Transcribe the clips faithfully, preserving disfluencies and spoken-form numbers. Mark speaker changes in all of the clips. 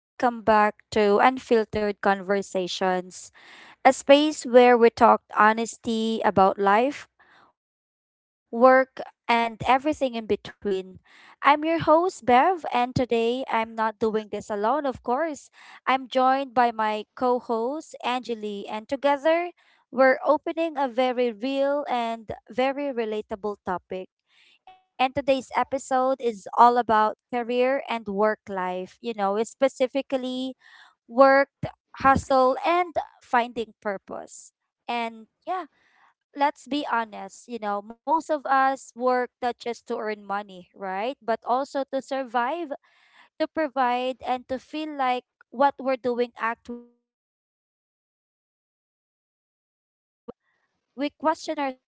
Speaker 1: welcome back to Unfiltered Conversations, a space where we talked honesty about life, work, and everything in between. I'm your host, Bev, and today I'm not doing this alone, of course. I'm joined by my co host, Angeli, and together we're opening a very real and very relatable topic. And today's episode is all about career and work life. You know, specifically work, hustle, and finding purpose. And yeah, let's be honest, you know, most of us work not just to earn money, right? But also to survive, to provide, and to feel like what we're doing actually matters. So we hustle, we get tired,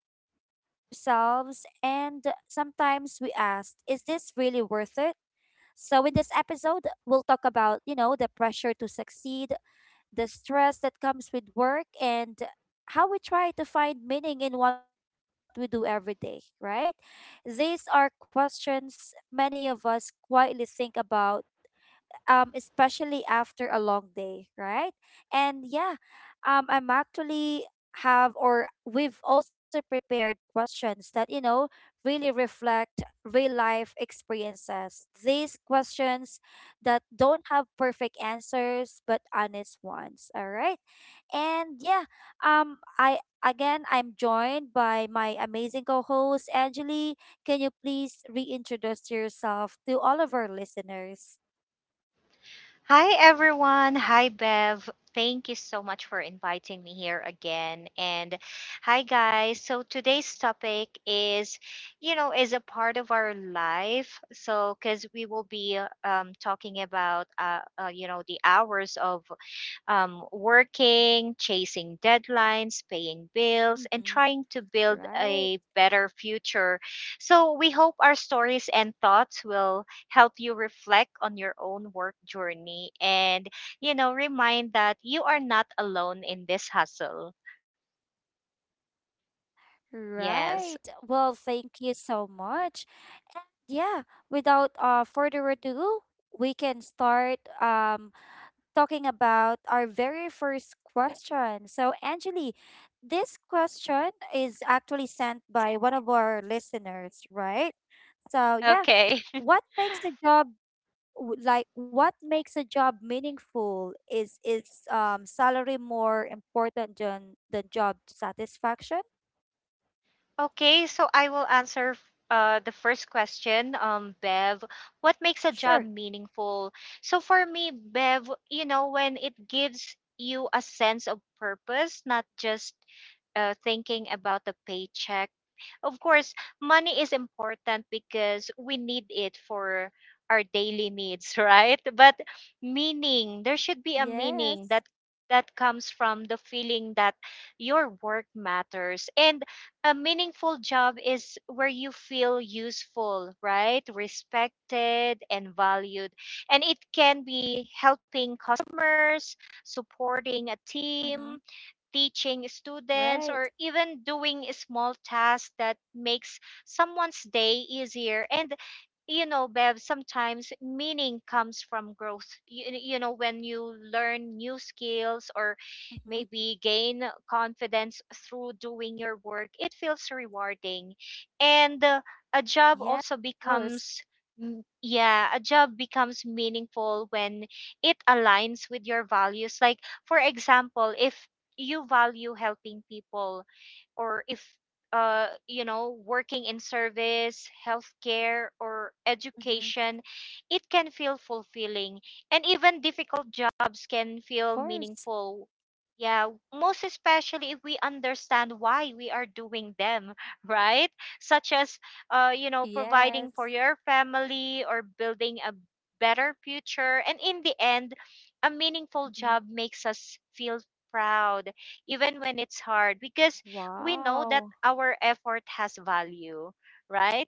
Speaker 1: we question ourselves, and sometimes we ask, is this really worth it? So in this episode, we'll talk about, you know, the pressure to succeed, the stress that comes with work, and how we try to find meaning in what we do every day, right? These are questions many of us quietly think about, um, especially after a long day, right? And yeah, um, I'm actually have or we've also prepared questions that you know really reflect real life experiences, these questions that don't have perfect answers but honest ones. All right, and yeah, um, I again I'm joined by my amazing co-host Angeli. Can you please reintroduce yourself to all of our listeners?
Speaker 2: Hi, everyone. Hi, Bev. Thank you so much for inviting me here again. And hi, guys. So today's topic is, you know, is a part of our life. So because we will be uh, um, talking about, uh, uh, you know, the hours of um, working, chasing deadlines, paying bills, and
Speaker 1: Mm-hmm.
Speaker 2: trying to build
Speaker 1: Right,
Speaker 2: a better future. So, we hope our stories and thoughts will help you reflect on your own work journey and, you know, remind that you are not alone in this hustle. Yes.
Speaker 1: right. Well, thank you so much. And yeah, without uh further ado, we can start um talking about our very first question. So, Angeli, this question is actually sent by one of our listeners, right? So yeah,
Speaker 2: Okay.
Speaker 1: what makes a job w- like what makes a job meaningful, is is um salary more important than the job satisfaction?
Speaker 2: Okay, so I will answer f- uh, the first question, um, Bev. What makes a job
Speaker 1: Sure.
Speaker 2: meaningful? So for me, Bev, you know, when it gives you a sense of purpose, not just uh, thinking about the paycheck. Of course, money is important because we need it for our daily needs, right? But meaning, there should be a meaning
Speaker 1: Yes.
Speaker 2: that that comes from the feeling that your work matters, and a meaningful job is where you feel useful, right, respected and valued. And it can be helping customers, supporting a team,
Speaker 1: Mhm.
Speaker 2: teaching students, or
Speaker 1: Right.
Speaker 2: even doing a small task that makes someone's day easier. And you know, Bev, sometimes meaning comes from growth. You, you know, when you learn new skills or
Speaker 1: Mhm.
Speaker 2: maybe gain confidence through doing your work, it feels rewarding. And uh, a job
Speaker 1: Yeah. Of
Speaker 2: also
Speaker 1: course.
Speaker 2: becomes, mm, yeah, a job becomes meaningful when it aligns with your values. Like, for example, if you value helping people, or if uh, you know, working in service, healthcare, or education,
Speaker 1: Mhm.
Speaker 2: it can feel fulfilling. And even difficult jobs can
Speaker 1: Of
Speaker 2: feel
Speaker 1: course.
Speaker 2: meaningful. Yeah, most especially if we understand why we are doing them, right? Such as, uh, you know, providing for
Speaker 1: Yes.
Speaker 2: your family or building a better future. And in the end, a meaningful
Speaker 1: Mhm.
Speaker 2: job makes us feel proud, even when it's hard, because we know that
Speaker 1: Wow.
Speaker 2: our effort has value, right?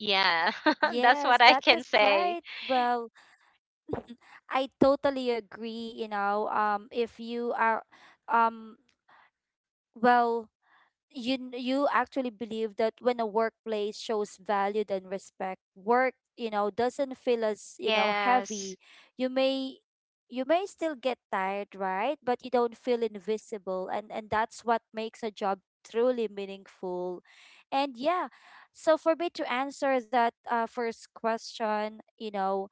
Speaker 2: Yeah, that's
Speaker 1: Yes,
Speaker 2: what I
Speaker 1: that is
Speaker 2: can say.
Speaker 1: right. Well, I totally agree, you know, um if you are um well, you n- you actually believe that when a workplace shows value and respect, work, you know, doesn't feel as, you know, heavy.
Speaker 2: Yes,
Speaker 1: You may, you may still get tired, right? But you don't feel invisible, and and that's what makes a job truly meaningful. And yeah, so for me to answer that, uh, first question, you know,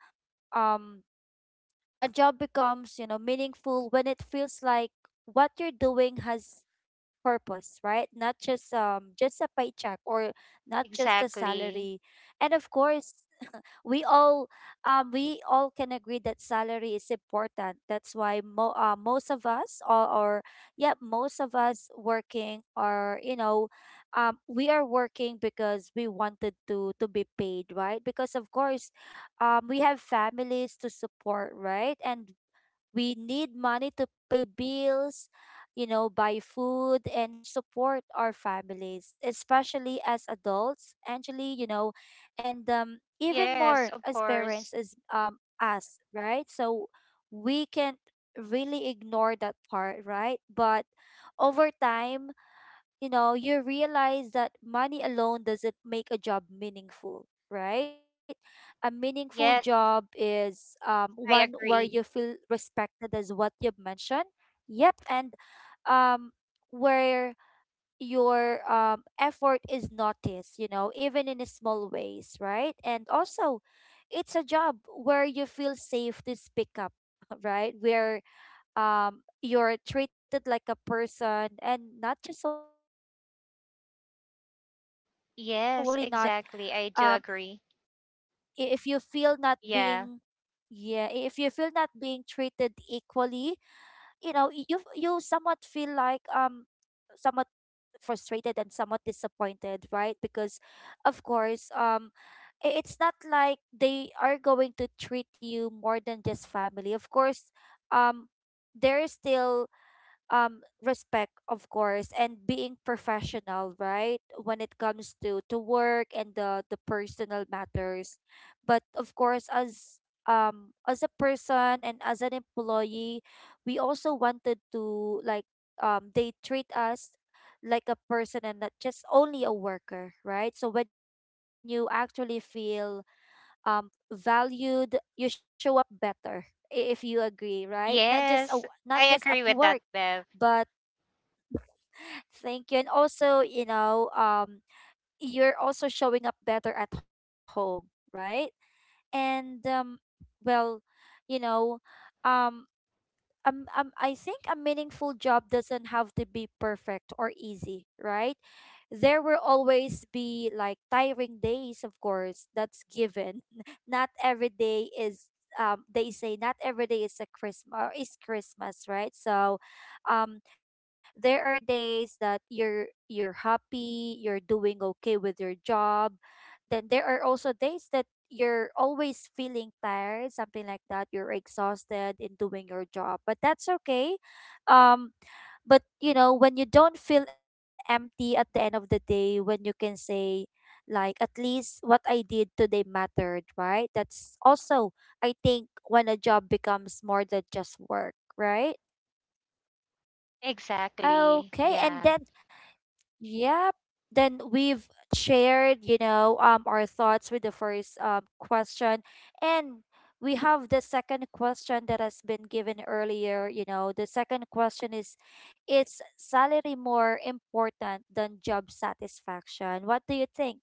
Speaker 1: um a job becomes, you know, meaningful when it feels like what you're doing has purpose, right? Not just, um just a paycheck, or not just a
Speaker 2: exactly.
Speaker 1: salary. And of course, we all, um we all can agree that salary is important. That's why mo- uh, most of us, or, or yeah, most of us working are, you know, um we are working because we wanted to to be paid, right? Because of course, um we have families to support, right? And we need money to pay bills, you know, buy food and support our families, especially as adults, actually, you know, and um, even more
Speaker 2: Yes, of
Speaker 1: as parents,
Speaker 2: course.
Speaker 1: as um us, right? So we can really ignore that part, right? But over time, you know, you realize that money alone doesn't make a job meaningful, right? A meaningful
Speaker 2: Yes, I
Speaker 1: job
Speaker 2: agree.
Speaker 1: is, um, one where you feel respected, as what you've mentioned. Yep. And um, where your um, effort is noticed, you know, even in a small ways, right? And also, it's a job where you feel safe to speak up, right? Where um, you're treated like a person and not just a worker, because let's be honest, if you are, if
Speaker 2: Yes,
Speaker 1: you actually
Speaker 2: exactly.
Speaker 1: not,
Speaker 2: I do agree.
Speaker 1: um, i- if you feel not being,
Speaker 2: Yeah.
Speaker 1: yeah, i- if you feel not being treated equally, you know, y- you f- you somewhat feel like, um somewhat frustrated and somewhat disappointed, right? Because of course, um i- it's not like they are going to treat you more than just family. Of course, um there is still um respect, of course, and being professional, right, when it comes to to work and the the personal matters. But of course, as um as a person and as an employee, we also wanted to like, um they treat us like a person and not just only a worker, right? So when you actually feel um valued, you show up better, i- if you agree, right? Not just a,
Speaker 2: Yes,
Speaker 1: not just
Speaker 2: I
Speaker 1: at
Speaker 2: agree
Speaker 1: work,
Speaker 2: with that, Bev.
Speaker 1: but thank you. And also, you know, um, you're also showing up better at home, right? And um, well, you know, um, um, um, I think a meaningful job doesn't have to be perfect or easy, right? There will always be like tiring days, of course, that's given. Not every day is, um they say not every day is a Christmas, is Christmas, right? So um there are days that you're you're happy, you're doing okay with your job. Then there are also days that you're always feeling tired, something like that. You're exhausted in doing your job, but that's okay. Um, but you know, when you don't feel empty at the end of the day, when you can say, like, at least what I did today mattered, right? That's also, I think, when a job becomes more than just work, right?
Speaker 2: Exactly. Yeah.
Speaker 1: Okay, and then yep. Then we've shared, you know, um, our thoughts with the first um, question. And we have the second question that has been given earlier. You know, the second question is Is salary more important than job satisfaction? What do you think?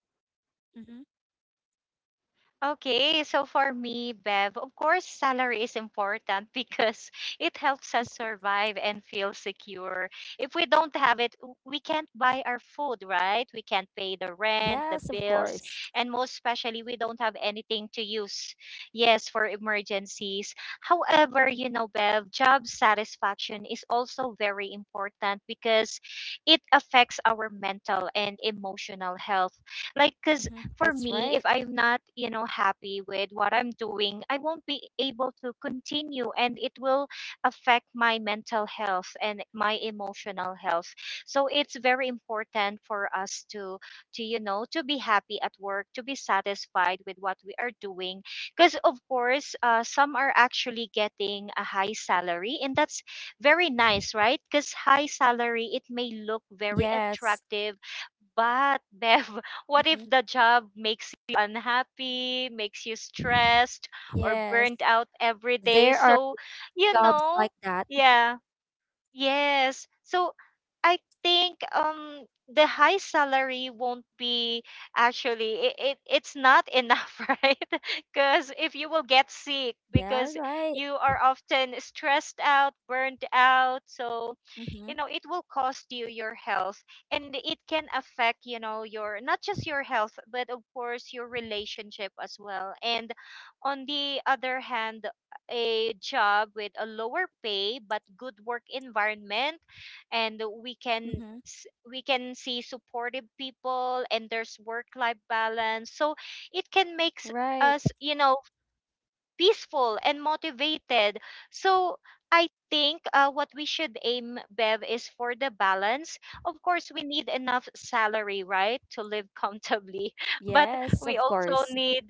Speaker 2: Okay, so
Speaker 1: Mm-hmm.
Speaker 2: for me, Bev, of course, salary is important because it helps us survive and feel secure. If we don't have it, w- we can't buy our food, right? We can't pay the rent, the bills, and most especially,
Speaker 1: Yes,
Speaker 2: we
Speaker 1: of
Speaker 2: don't have
Speaker 1: course.
Speaker 2: anything to use, yes, for emergencies. However, you know, Bev, job satisfaction is also very important because it affects our mental and emotional health, like, because for me, if I'm not,
Speaker 1: Mm-hmm.
Speaker 2: you know,
Speaker 1: That's right.
Speaker 2: happy with what I'm doing, I won't be able to continue, and it will affect my mental health and my emotional health. So it's very important for us to to you know, to be happy at work, to be satisfied with what we are doing, because of course, uh, some are actually getting a high salary, and that's very nice, right? Because high salary, it may look very
Speaker 1: Yes.
Speaker 2: attractive, but Bev, what if
Speaker 1: Mm-hmm.
Speaker 2: the job makes you unhappy, makes you stressed, or burnt
Speaker 1: Yes.
Speaker 2: out every day?
Speaker 1: There
Speaker 2: So,
Speaker 1: are
Speaker 2: you know,
Speaker 1: jobs like that.
Speaker 2: yeah. Yes. So I think um the high salary won't be actually it, it it's not enough, right? Because if you will get sick
Speaker 1: Yeah,
Speaker 2: because
Speaker 1: right.
Speaker 2: you are often stressed out, burned out, so you
Speaker 1: Mm-hmm.
Speaker 2: know it will cost you your health, and it can affect, you know, your, not just your health, but of course your relationship as well. And on the other hand, a job with a lower pay but good work environment, and we can s-
Speaker 1: Mm-hmm.
Speaker 2: we can see supportive people, and there's work life balance, so it can make s-
Speaker 1: Right.
Speaker 2: us you know peaceful and motivated. So I think uh, what we should aim, Bev, is for the balance. Of course, we need enough salary, right, to live comfortably,
Speaker 1: Yes,
Speaker 2: but
Speaker 1: of
Speaker 2: we
Speaker 1: course.
Speaker 2: also need,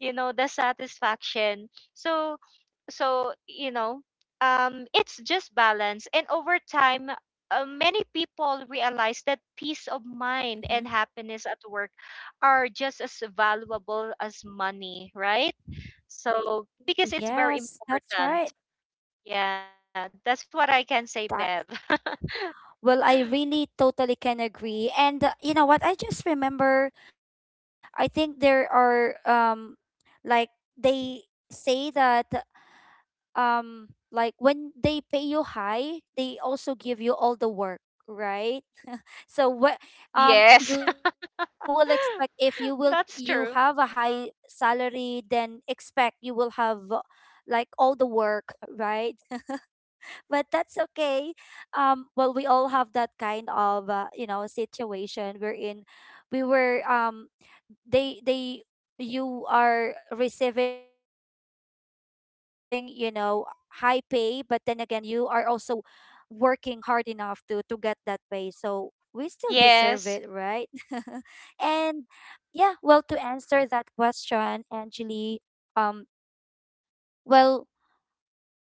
Speaker 2: you know, the satisfaction. So so you know um it's just balance, and over time, uh, many people realize that peace of mind and
Speaker 1: Hmm.
Speaker 2: happiness at work are just as valuable as money, right? So because it's
Speaker 1: Yes,
Speaker 2: very
Speaker 1: that's right.
Speaker 2: important. Yeah, that's what I can
Speaker 1: That,
Speaker 2: say, Bev.
Speaker 1: well, I really totally can agree. And uh, you know what? I just remember, I think there are um like they say that um like when they pay you high, they also give you all the work, right? So what um
Speaker 2: Yes.
Speaker 1: you will expect if you will, you have a
Speaker 2: That's
Speaker 1: high
Speaker 2: true.
Speaker 1: salary, then expect you will have uh, like all the work, right? But that's okay. Um, well, we all have that kind of uh, you know, situation wherein we were um they they you are receiving, you know, high pay, but then again you are also working hard enough to to get that pay. So we still deserve it, right?
Speaker 2: Yes.
Speaker 1: And yeah, well, to answer that question, Angeli, um, well,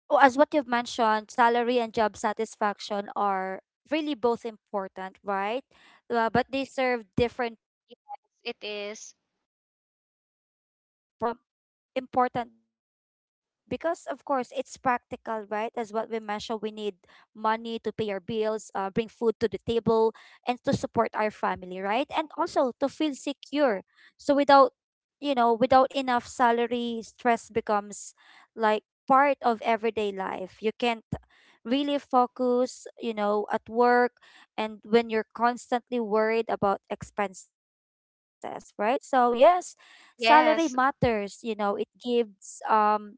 Speaker 1: oh, as what you've mentioned, salary and job satisfaction are really both important, right? Uh, but they serve different
Speaker 2: Yes,
Speaker 1: purpose, I
Speaker 2: it
Speaker 1: believe, in our
Speaker 2: is.
Speaker 1: lives. So, salaries. Um, important because of course it's practical, right? As what we mentioned, we need money to pay our bills, uh, bring food to the table and to support our family, right? And also to feel secure. So without, you know, without enough salary, stress becomes like part of everyday life. You can't really focus, you know, at work, and when you're constantly worried about expenses, right? So yes, salary
Speaker 2: Yes.
Speaker 1: matters, you know, it gives, um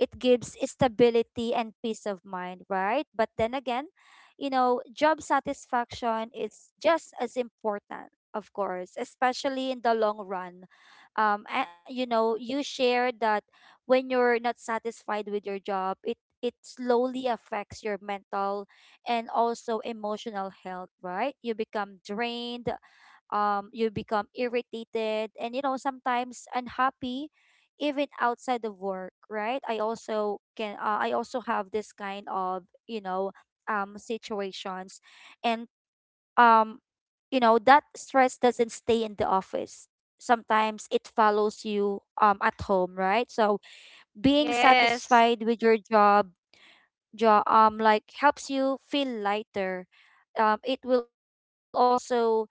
Speaker 1: it gives stability and peace of mind, right? But then again, you know, job satisfaction is just as important, of course, especially in the long run. um and, you know, you share that when you're not satisfied with your job, it it slowly affects your mental and also emotional health, right? You become drained, um you become irritated, and you know, sometimes unhappy even outside of work, right? I also can, uh, I also have this kind of, you know, um situations. And um you know, that stress doesn't stay in the office, sometimes it follows you um at home, right? So being
Speaker 2: Yes.
Speaker 1: satisfied with your job, jo- um like helps you feel lighter. Um, it will also,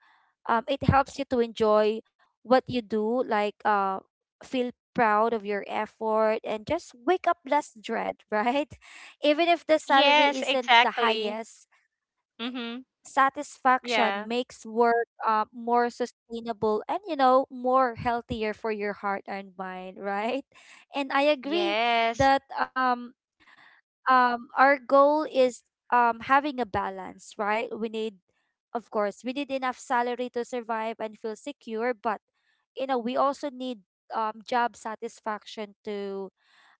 Speaker 1: um it helps you to enjoy what you do, like uh feel proud of your effort and just wake up less dread, right? Even if the salary
Speaker 2: Yes,
Speaker 1: isn't the
Speaker 2: exactly.
Speaker 1: highest,
Speaker 2: Mm-hmm. Yeah.
Speaker 1: satisfaction makes work, uh, more sustainable and you know more healthier for your heart and mind, right? And I agree
Speaker 2: Yes.
Speaker 1: that um um our goal is um having a balance, right? We need, of course, we need enough salary to survive and feel secure, but you know, we also need um job satisfaction to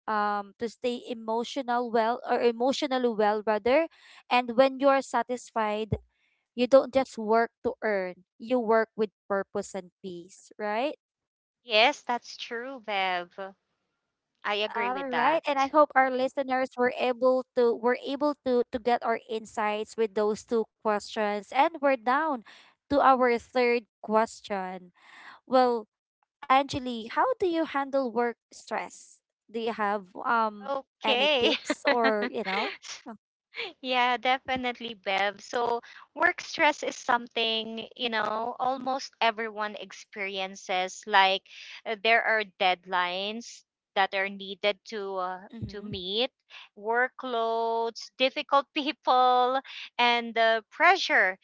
Speaker 1: um to stay emotional well, or emotionally well rather. And when you are satisfied, you don't just work to earn, you work with purpose and peace, right?
Speaker 2: Yes, that's true, Bev. I agree with
Speaker 1: All
Speaker 2: that.
Speaker 1: right, and I hope our listeners were able to were able to to get our insights with those two questions. And we're down to our third question. Well, Angeli, how do you handle work stress? Do you have um any
Speaker 2: Okay.
Speaker 1: tips, or you know? Oh,
Speaker 2: Yeah, definitely, Bev. So, work stress is something, you know, almost everyone experiences. Like, uh, there are deadlines that are needed to uh,
Speaker 1: mm-hmm.
Speaker 2: to meet, workloads, difficult people, and uh, pressure.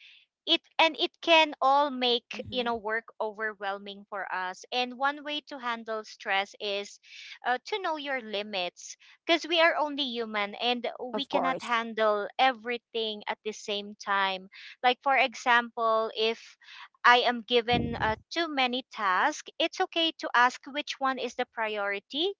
Speaker 2: It And it can all make,
Speaker 1: Mm-hmm.
Speaker 2: you know, work overwhelming for us. And one way to handle stress is uh, to know your limits, because we are only human, and
Speaker 1: Of
Speaker 2: we
Speaker 1: course.
Speaker 2: cannot handle everything at the same time. Like, for example, if I am given uh, too many tasks, it's okay to ask which one is the priority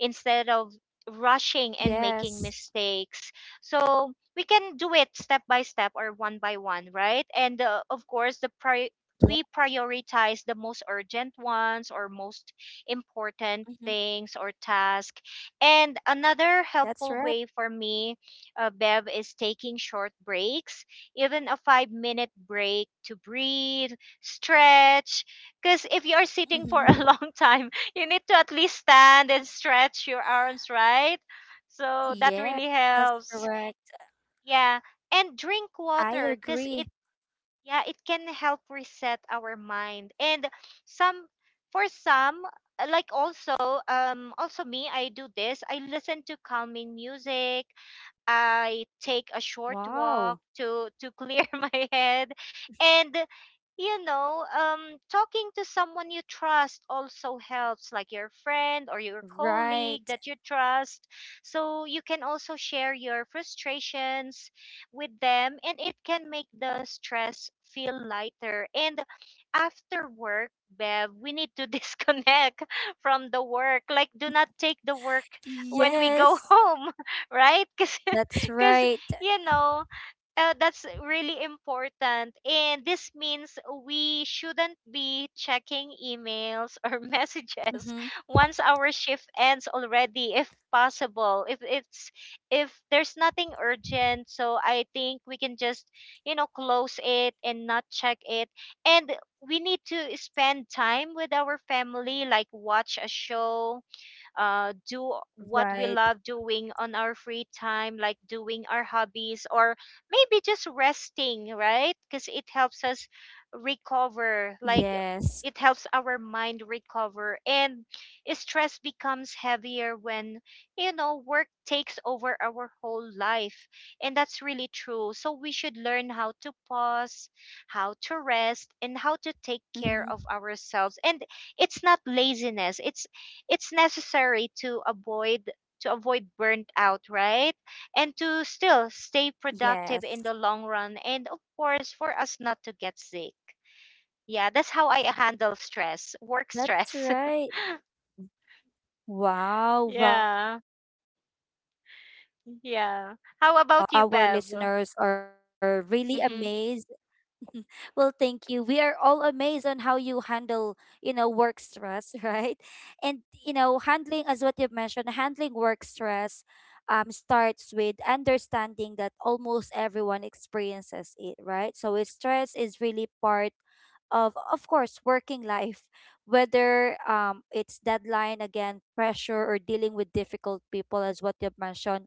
Speaker 2: instead of rushing and making
Speaker 1: Yes.
Speaker 2: mistakes. So we can do it step by step or one by one, right? And uh, of course, the pri-
Speaker 1: Yeah.
Speaker 2: we prioritize the most urgent ones or most important
Speaker 1: Mm-hmm.
Speaker 2: things or task. And another helpful
Speaker 1: That's
Speaker 2: way
Speaker 1: right.
Speaker 2: for me, uh, Bev, is taking short breaks, even a five minute break to breathe, stretch. Because if you are sitting for a long time,
Speaker 1: Mm-hmm.
Speaker 2: you need to at least stand and stretch your arms, right? So that really
Speaker 1: Yes,
Speaker 2: helps.
Speaker 1: that's correct.
Speaker 2: Yeah. And drink water because it,
Speaker 1: I agree.
Speaker 2: yeah, it can help reset our mind. And some, for some, uh, like also, um, also me, I do this. I listen to calming music. I take a short walk to to
Speaker 1: Wow.
Speaker 2: clear my head. And you know um talking to someone you trust also helps, like your friend or your colleague that you
Speaker 1: Right.
Speaker 2: trust, so you can also share your frustrations with them, and it can make the stress feel lighter. And after work, Bev, we need to disconnect from the work. Like, do not take the work when we go home,
Speaker 1: Yes,
Speaker 2: right? Because because,
Speaker 1: that's
Speaker 2: you
Speaker 1: right.
Speaker 2: know, uh, that's really important. And this means we shouldn't be checking emails or messages once
Speaker 1: Mm-hmm.
Speaker 2: our shift ends already, if possible. If it's, if there's nothing urgent, so I think we can just, you know, close it and not check it. And we need to spend time with our family, like watch a show, uh, do what we
Speaker 1: Right.
Speaker 2: love doing on our free time, like doing our hobbies or maybe just resting, right? Because it helps us recover, like
Speaker 1: Yes.
Speaker 2: it helps our mind recover. And stress becomes heavier when, you know, work takes over our whole life. And that's really true. So we should learn how to pause, how to rest, and how to take
Speaker 1: Mm-hmm.
Speaker 2: care of ourselves. And it's not laziness, it's it's necessary to avoid to avoid burnt out, right, and to still stay productive
Speaker 1: Yes,
Speaker 2: in the long run, and of course for us not to get sick. Yeah, that's how I handle stress work
Speaker 1: that's
Speaker 2: stress
Speaker 1: right. Wow. Well,
Speaker 2: Yeah.
Speaker 1: um, you know what? I, I
Speaker 2: Yeah,
Speaker 1: think
Speaker 2: how
Speaker 1: all our
Speaker 2: about
Speaker 1: l-
Speaker 2: you, Bev?
Speaker 1: our listeners are really
Speaker 2: Mm-hmm.
Speaker 1: amazed. Well, thank you. We are all amazed on how you handle, you know, work stress, right? And you know, handling as what you've mentioned, handling work stress um starts with understanding that almost everyone experiences it, right? So it's- stress is really part of of course, working life, whether um it's deadline again pressure or dealing with difficult people as what you've mentioned.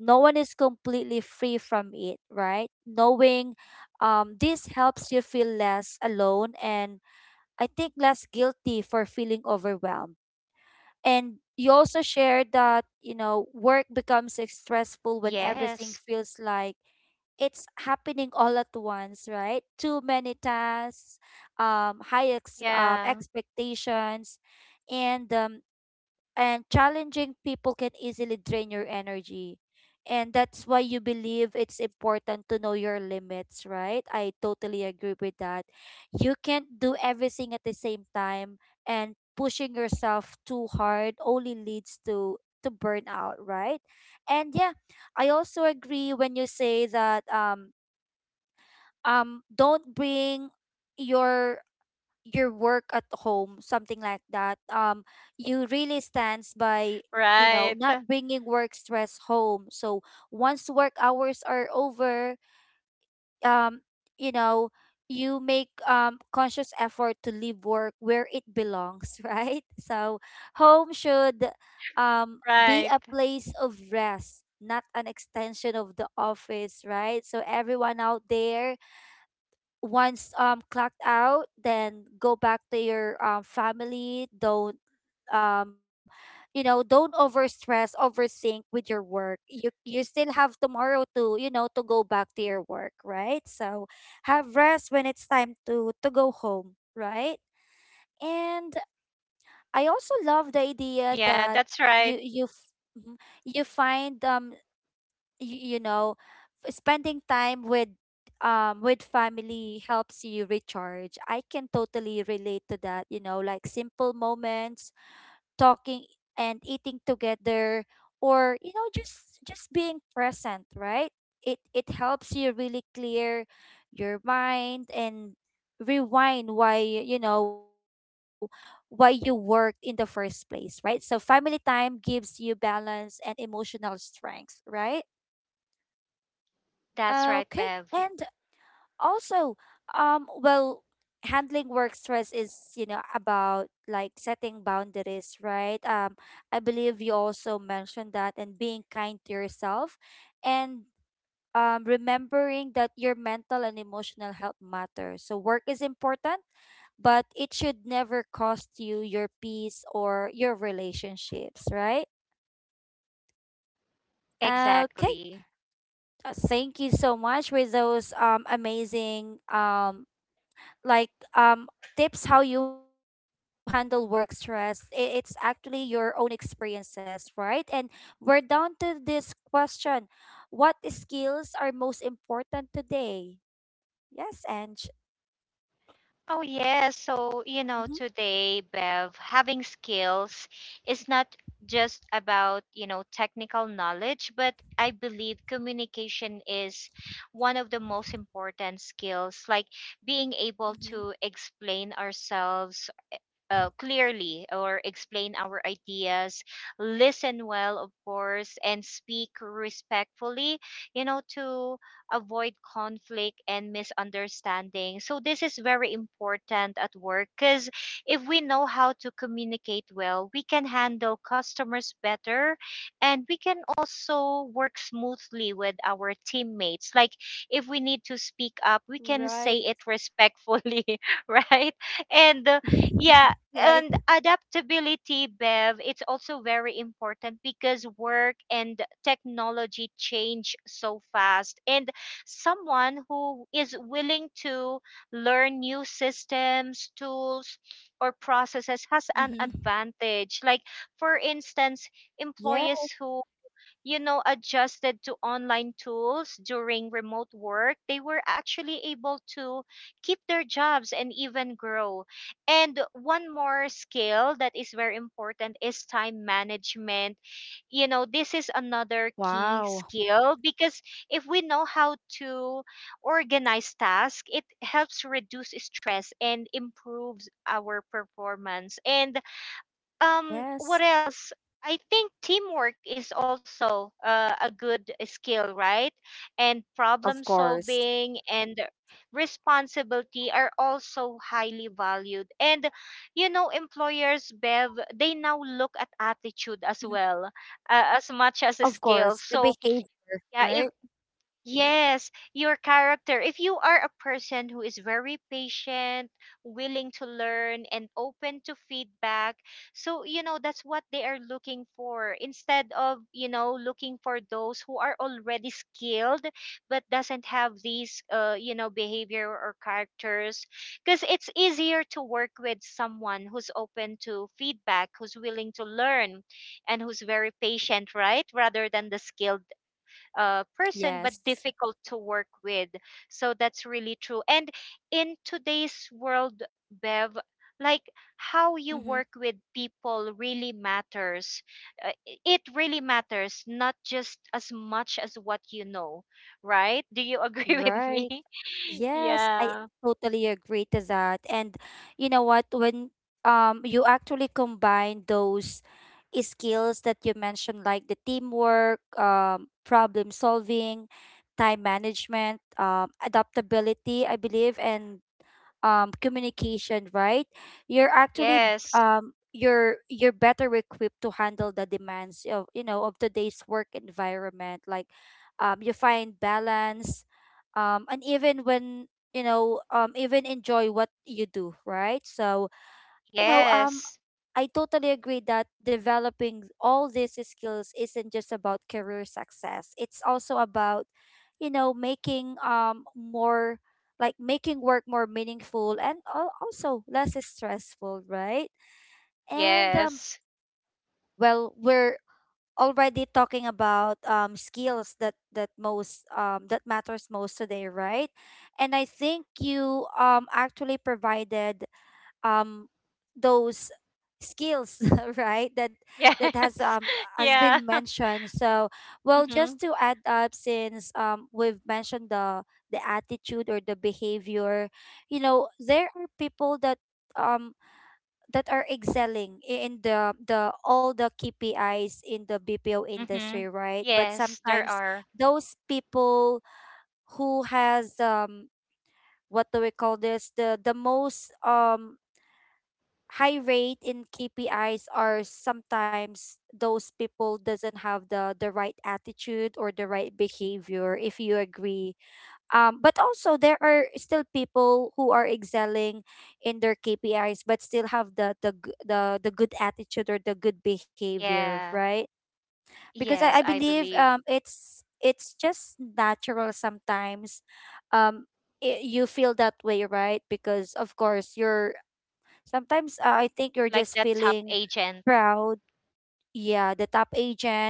Speaker 1: No one is completely free from it, right? Knowing um, this helps you feel less alone and I think less guilty for feeling overwhelmed. And you also shared that, you know,
Speaker 2: Yes.
Speaker 1: work becomes stressful when everything feels like it's happening all at once, right? Too many tasks, um, high ex-
Speaker 2: Yeah.
Speaker 1: uh, expectations, and um, and challenging people can easily drain your energy. And that's why you believe it's important to know your limits, right? I totally agree with that. You can't do everything at the same time, and pushing yourself too hard only leads to to burnout, right? And yeah, I also agree when you say that um um don't bring your your work at home, something like that. Um, you really stands by, you know,
Speaker 2: Right.
Speaker 1: not bringing work stress home. So once work hours are over, um, you know, you make um conscious effort to leave work where it belongs, right? So home should um be a
Speaker 2: Right.
Speaker 1: place of rest, not an extension of the office, right? So everyone out there, once um clocked out, then go back to your um family. Don't um you know, don't overstress, overthink with your work. You you still have tomorrow to, you know, to go back to your work, right? So have rest when it's time to to go home, right? And I also love the idea
Speaker 2: Yeah,
Speaker 1: that
Speaker 2: that's right.
Speaker 1: you you f- mhm, you find um you, you know, spending time with um with family helps you recharge. I can totally relate to that, you know, like simple moments, talking and eating together, or, you know, just just being present, right? It it helps you really clear your mind and rewind why, you know, why you work in the first place, right? So family time gives you balance and emotional strength, right?
Speaker 2: That's right,
Speaker 1: Okay.
Speaker 2: Bev.
Speaker 1: And also, um well handling work stress is, you know, about like setting boundaries, right? um I believe you also mentioned that, and being kind to yourself and um remembering that your mental and emotional health matter. So work is important, but it should never cost you your peace or your relationships, right? Okay.
Speaker 2: Exactly.
Speaker 1: Uh, thank you so much with those um amazing um like um tips how you handle work stress. I- it's actually your own experiences, right? And we're down to this question: what skills are most important today? Yes. And
Speaker 2: Oh, yes. So, you know,
Speaker 1: mm-hmm,
Speaker 2: today, Bev, having skills is not just about, you know, technical knowledge, but I believe communication is one of the most important skills, like being able to
Speaker 1: mm-hmm.
Speaker 2: explain ourselves uh, clearly, or explain our ideas, listen well, of course, and speak respectfully, you know, to avoid conflict and misunderstanding. So, this is very important at work because if we know how to communicate well, we can handle customers better, and we can also work smoothly with our teammates. Like, if we need to speak up, we can say it
Speaker 1: Right.
Speaker 2: respectfully, right? And uh, yeah,
Speaker 1: Right.
Speaker 2: and adaptability, Bev, it's also very important because work and technology change so fast, and someone who is willing to learn new systems, tools, or processes has an
Speaker 1: mm-hmm.
Speaker 2: advantage. Like, for instance,
Speaker 1: Yeah.
Speaker 2: employees who you know, adjusted to online tools during remote work, they were actually able to keep their jobs and even grow. And one more skill that is very important is time management. You know, this is another key
Speaker 1: Wow.
Speaker 2: skill because if we know how to organize tasks, it helps reduce stress and improves our performance. And um what
Speaker 1: Yes.
Speaker 2: else, I think teamwork is also uh, a good skill, right? And problem
Speaker 1: Of course.
Speaker 2: solving and responsibility are also highly valued. And you know employers, Bev, they now look at
Speaker 1: Mm-hmm.
Speaker 2: attitude as well, uh, as
Speaker 1: Of
Speaker 2: much as a
Speaker 1: course, the
Speaker 2: skill,
Speaker 1: behavior,
Speaker 2: so
Speaker 1: right.
Speaker 2: yeah. Yes, your character. If you are a person who is very patient, willing to learn, and open to feedback, so, you know, that's what they are looking for, instead of, you know, looking for those who are already skilled but doesn't have
Speaker 1: mm-hmm.
Speaker 2: these, uh, you know, behavior or characters. Because it's easier to work with someone who's open to feedback, who's willing to learn, and who's very patient, right? Rather than the skilled uh,
Speaker 1: Yes.
Speaker 2: person, but difficult to work with. So that's really true, and in today's world, Bev, like, how you
Speaker 1: mm-hmm.
Speaker 2: work with people really matters. Uh, i- it really matters, not just as much as what you know, right? Do you agree with me?
Speaker 1: Right. Yes, I
Speaker 2: Yeah.
Speaker 1: totally agree to that. And you know what, when um you actually combine those skills that you mentioned, like the teamwork, um, problem solving, time management, um, adaptability, I believe, and um communication, right? You're actually
Speaker 2: Yes.
Speaker 1: um you're you're better equipped to handle the demands of, you know, of today's work environment. Like, um you find balance um and even when, you know, um even enjoy what you do, right? So, you know, um
Speaker 2: Yes.
Speaker 1: I totally agree that developing all these skills isn't just about career success. It's also about, you know, making um more like making work more meaningful and al- also less stressful, right? And um
Speaker 2: Yes.
Speaker 1: well, we're already talking about um skills that that most um that matters most today, right? And I think you um actually provided um those skills, right, that that has
Speaker 2: Yes.
Speaker 1: um has
Speaker 2: Yeah.
Speaker 1: been mentioned. So well,
Speaker 2: Mm-hmm.
Speaker 1: just to add up, since um we've mentioned the the attitude or the behavior, you know, there are people that um that are excelling, i- in the the all the K P Is in the B P O
Speaker 2: Mm-hmm.
Speaker 1: industry, right? But
Speaker 2: Yes, there
Speaker 1: sometimes
Speaker 2: are.
Speaker 1: those people who has um what do we call this the the most um high rate in K P Is are sometimes those people doesn't have the the right attitude or the right behavior, if you agree. Um but also there are still people who are excelling in their K P Is but still have the the g- the, the good attitude or the good behavior,
Speaker 2: Yeah.
Speaker 1: right? Because I, I
Speaker 2: Yes, I
Speaker 1: believe
Speaker 2: believe.
Speaker 1: um it's it's just natural sometimes. Um I you feel that way, right? Because of course you're— Sometimes, uh, I think you're
Speaker 2: Like
Speaker 1: just
Speaker 2: that top
Speaker 1: feeling
Speaker 2: agent.
Speaker 1: proud. Yeah, the top agent,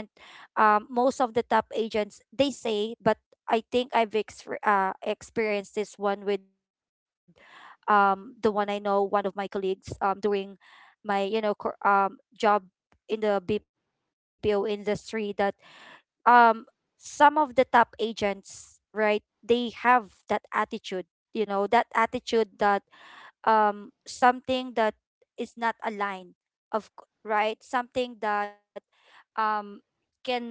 Speaker 1: um, most of the top agents they say. But I think I've exper- uh, experienced this one with um the one I know, one of my colleagues um during my, you know, cor- um job in the B P O industry, that um some of the top agents, right, they have that attitude, you know, that attitude that um something that is not aligned, of c- right, something that um can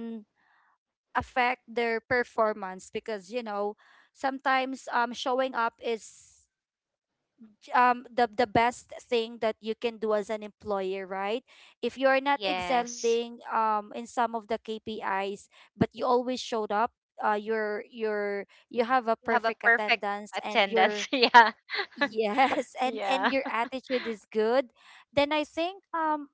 Speaker 1: affect their performance. Because, you know, sometimes um showing up is um the the best thing that you can do as an employer, right? If you are not
Speaker 2: Yes.
Speaker 1: excelling um in some of the K P Is, but you always showed up, uh you're you're you have a
Speaker 2: You have a
Speaker 1: perfect
Speaker 2: perfect
Speaker 1: attendance, and you're—
Speaker 2: attendance. Yeah.
Speaker 1: Yes, and and
Speaker 2: Yeah.
Speaker 1: your attitude is good, then I think um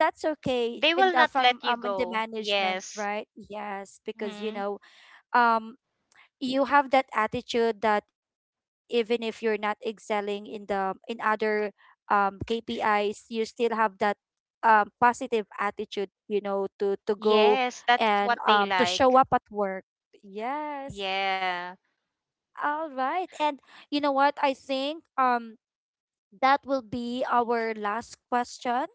Speaker 1: that's okay.
Speaker 2: They will
Speaker 1: And uh,
Speaker 2: not
Speaker 1: from,
Speaker 2: let you
Speaker 1: um in the
Speaker 2: go.
Speaker 1: management,
Speaker 2: Yes.
Speaker 1: right? Yes, because, you
Speaker 2: Hmm.
Speaker 1: know, um you have that attitude that even if you're not excelling in the in other um K P Is, you still have that um positive attitude, you know, to to go
Speaker 2: Yes,
Speaker 1: and
Speaker 2: that's what
Speaker 1: um
Speaker 2: they
Speaker 1: to show up
Speaker 2: like.
Speaker 1: at work. Yes.
Speaker 2: Yeah.
Speaker 1: All right. And you know what, I think um that will be our last question.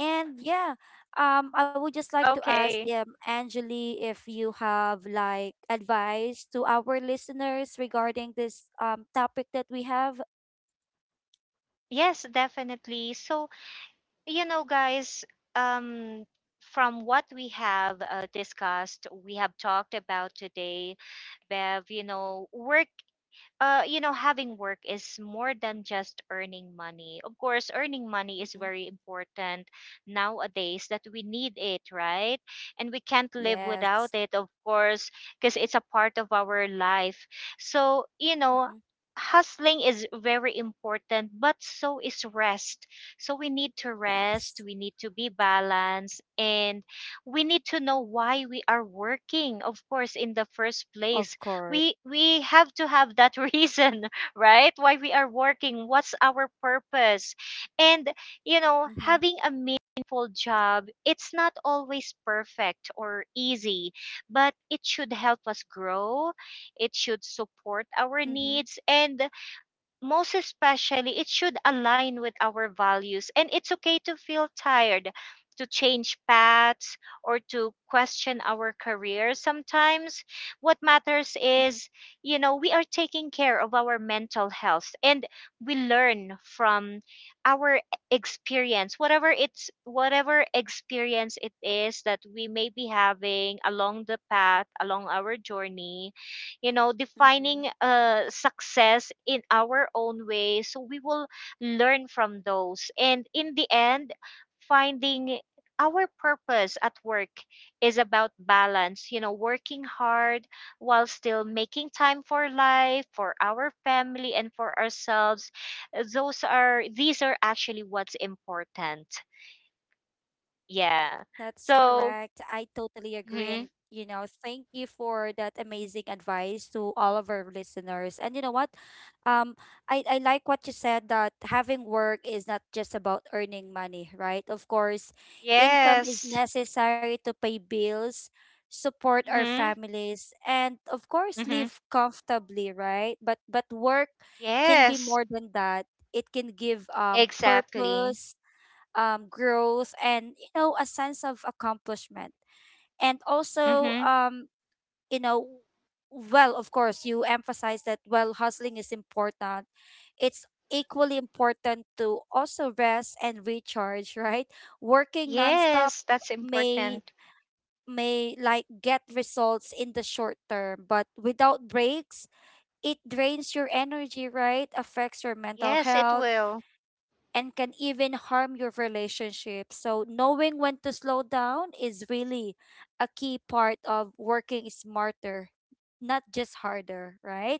Speaker 1: And yeah, um, I would just
Speaker 2: Okay.
Speaker 1: like to ask, um, Angeli, if you have like advice to our listeners regarding this um topic that we have.
Speaker 2: Yes, definitely. So, you know, guys, um, from what we have uh, discussed, we have talked about today, Bev, you know, work uh, you know, having work is more than just earning money. Of course, earning money is
Speaker 1: Mm-hmm.
Speaker 2: very important nowadays that we need it, right? And we can't live
Speaker 1: Yes.
Speaker 2: without it, of course, because it's a part of our life. So, you know,
Speaker 1: Mm-hmm.
Speaker 2: hustling is very important, but so is rest. So we need to rest,
Speaker 1: Yes,
Speaker 2: we need to be balanced, and we need to know why we are working, of course, in the first
Speaker 1: of
Speaker 2: place.
Speaker 1: course.
Speaker 2: We we have to have that reason, right, why we are working, what's our purpose. And you know
Speaker 1: Mm-hmm.
Speaker 2: having a meaningful job, it's not always perfect or easy, but it should help us grow. It should support our
Speaker 1: Mm-hmm.
Speaker 2: needs, and most especially, it should align with our values. And it's okay to feel tired, to change paths, or to question our career sometimes. What matters is, you know, we are taking care of our mental health, and we learn from our experience, whatever it's whatever experience it is that we may be having along the path, along our journey, you know
Speaker 1: Mm-hmm.
Speaker 2: defining uh success in our own way, so we will learn from those. And in the end, finding our purpose at work is about balance, you know working hard while still making time for life, for our family, and for ourselves. Uh, those are These are actually what's important.
Speaker 1: That's
Speaker 2: Yeah.
Speaker 1: correct. I
Speaker 2: So.
Speaker 1: totally agree. And, you
Speaker 2: Hmm.
Speaker 1: know, thank you for that amazing advice to all of our listeners. And you know what? Um, I, I like what you said that having work is not just about earning money, right? Of course, income is
Speaker 2: Yes.
Speaker 1: necessary to pay bills, support our
Speaker 2: Mhm.
Speaker 1: families, and of course
Speaker 2: Mhm.
Speaker 1: live comfortably, right? But but work can be
Speaker 2: Yes.
Speaker 1: more than that. It can give um
Speaker 2: Exactly.
Speaker 1: purpose, um, growth, and, you know, a sense of accomplishment. And also,
Speaker 2: Mm-hmm.
Speaker 1: um, you know, well, of course you emphasize that while hustling is important, it's equally important to also rest and recharge, right? Working nonstop
Speaker 2: Yes, that's
Speaker 1: may
Speaker 2: important.
Speaker 1: may like get results in the short term, but without breaks it drains your energy, right, affects your mental
Speaker 2: Yes, it
Speaker 1: health,
Speaker 2: will.
Speaker 1: and can even harm your relationship. So, knowing when to slow down is really a key part of working smarter, not just harder, right?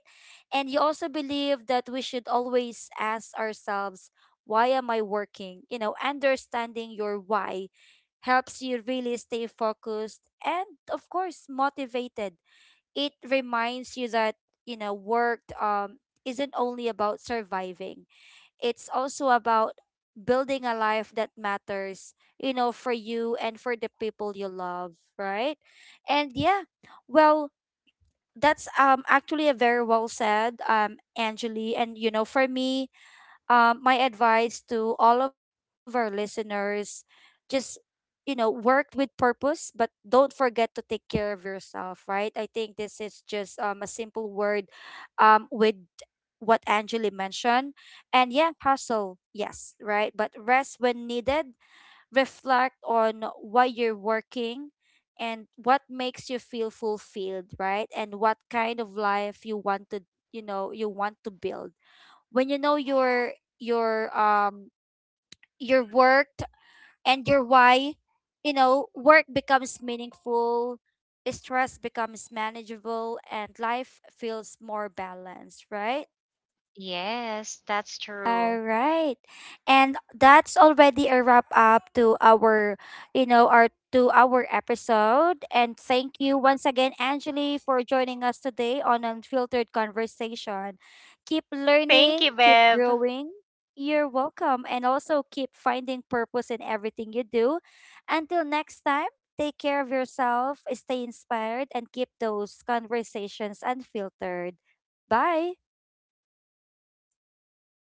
Speaker 1: And you also believe that we should always ask ourselves, why am I working? You know, understanding your why helps you really stay focused and, of course, motivated. It reminds you that, you know, work, um, isn't only about surviving, it's also about building a life that matters, you know, for you and for the people you love, right? And yeah, well, that's um actually a very well said, um, Angeli. And you know, for me, um, my advice to all of our listeners, just, you know, work with purpose, but don't forget to take care of yourself, right? I think this is just, um, a simple word, um, with what Angeli mentioned. And yeah, hustle, yes, right? But rest when needed, reflect on why you're working and what makes you feel fulfilled, right? And what kind of life you want to, you know, you want to build. When you know your your um your work and your why, you know, work becomes meaningful, stress becomes manageable, and life feels more balanced, right?
Speaker 2: Yes, that's
Speaker 1: All
Speaker 2: true.
Speaker 1: right. And that's already a wrap up to our, you know, our to our episode. And thank you once again, Angeli, for joining us today on Unfiltered Conversation. Keep
Speaker 2: Thank
Speaker 1: learning,
Speaker 2: you,
Speaker 1: keep
Speaker 2: Bev.
Speaker 1: growing. You're welcome. And also keep finding purpose in everything you do. Until next time, take care of yourself, stay inspired, and keep those conversations unfiltered. Bye.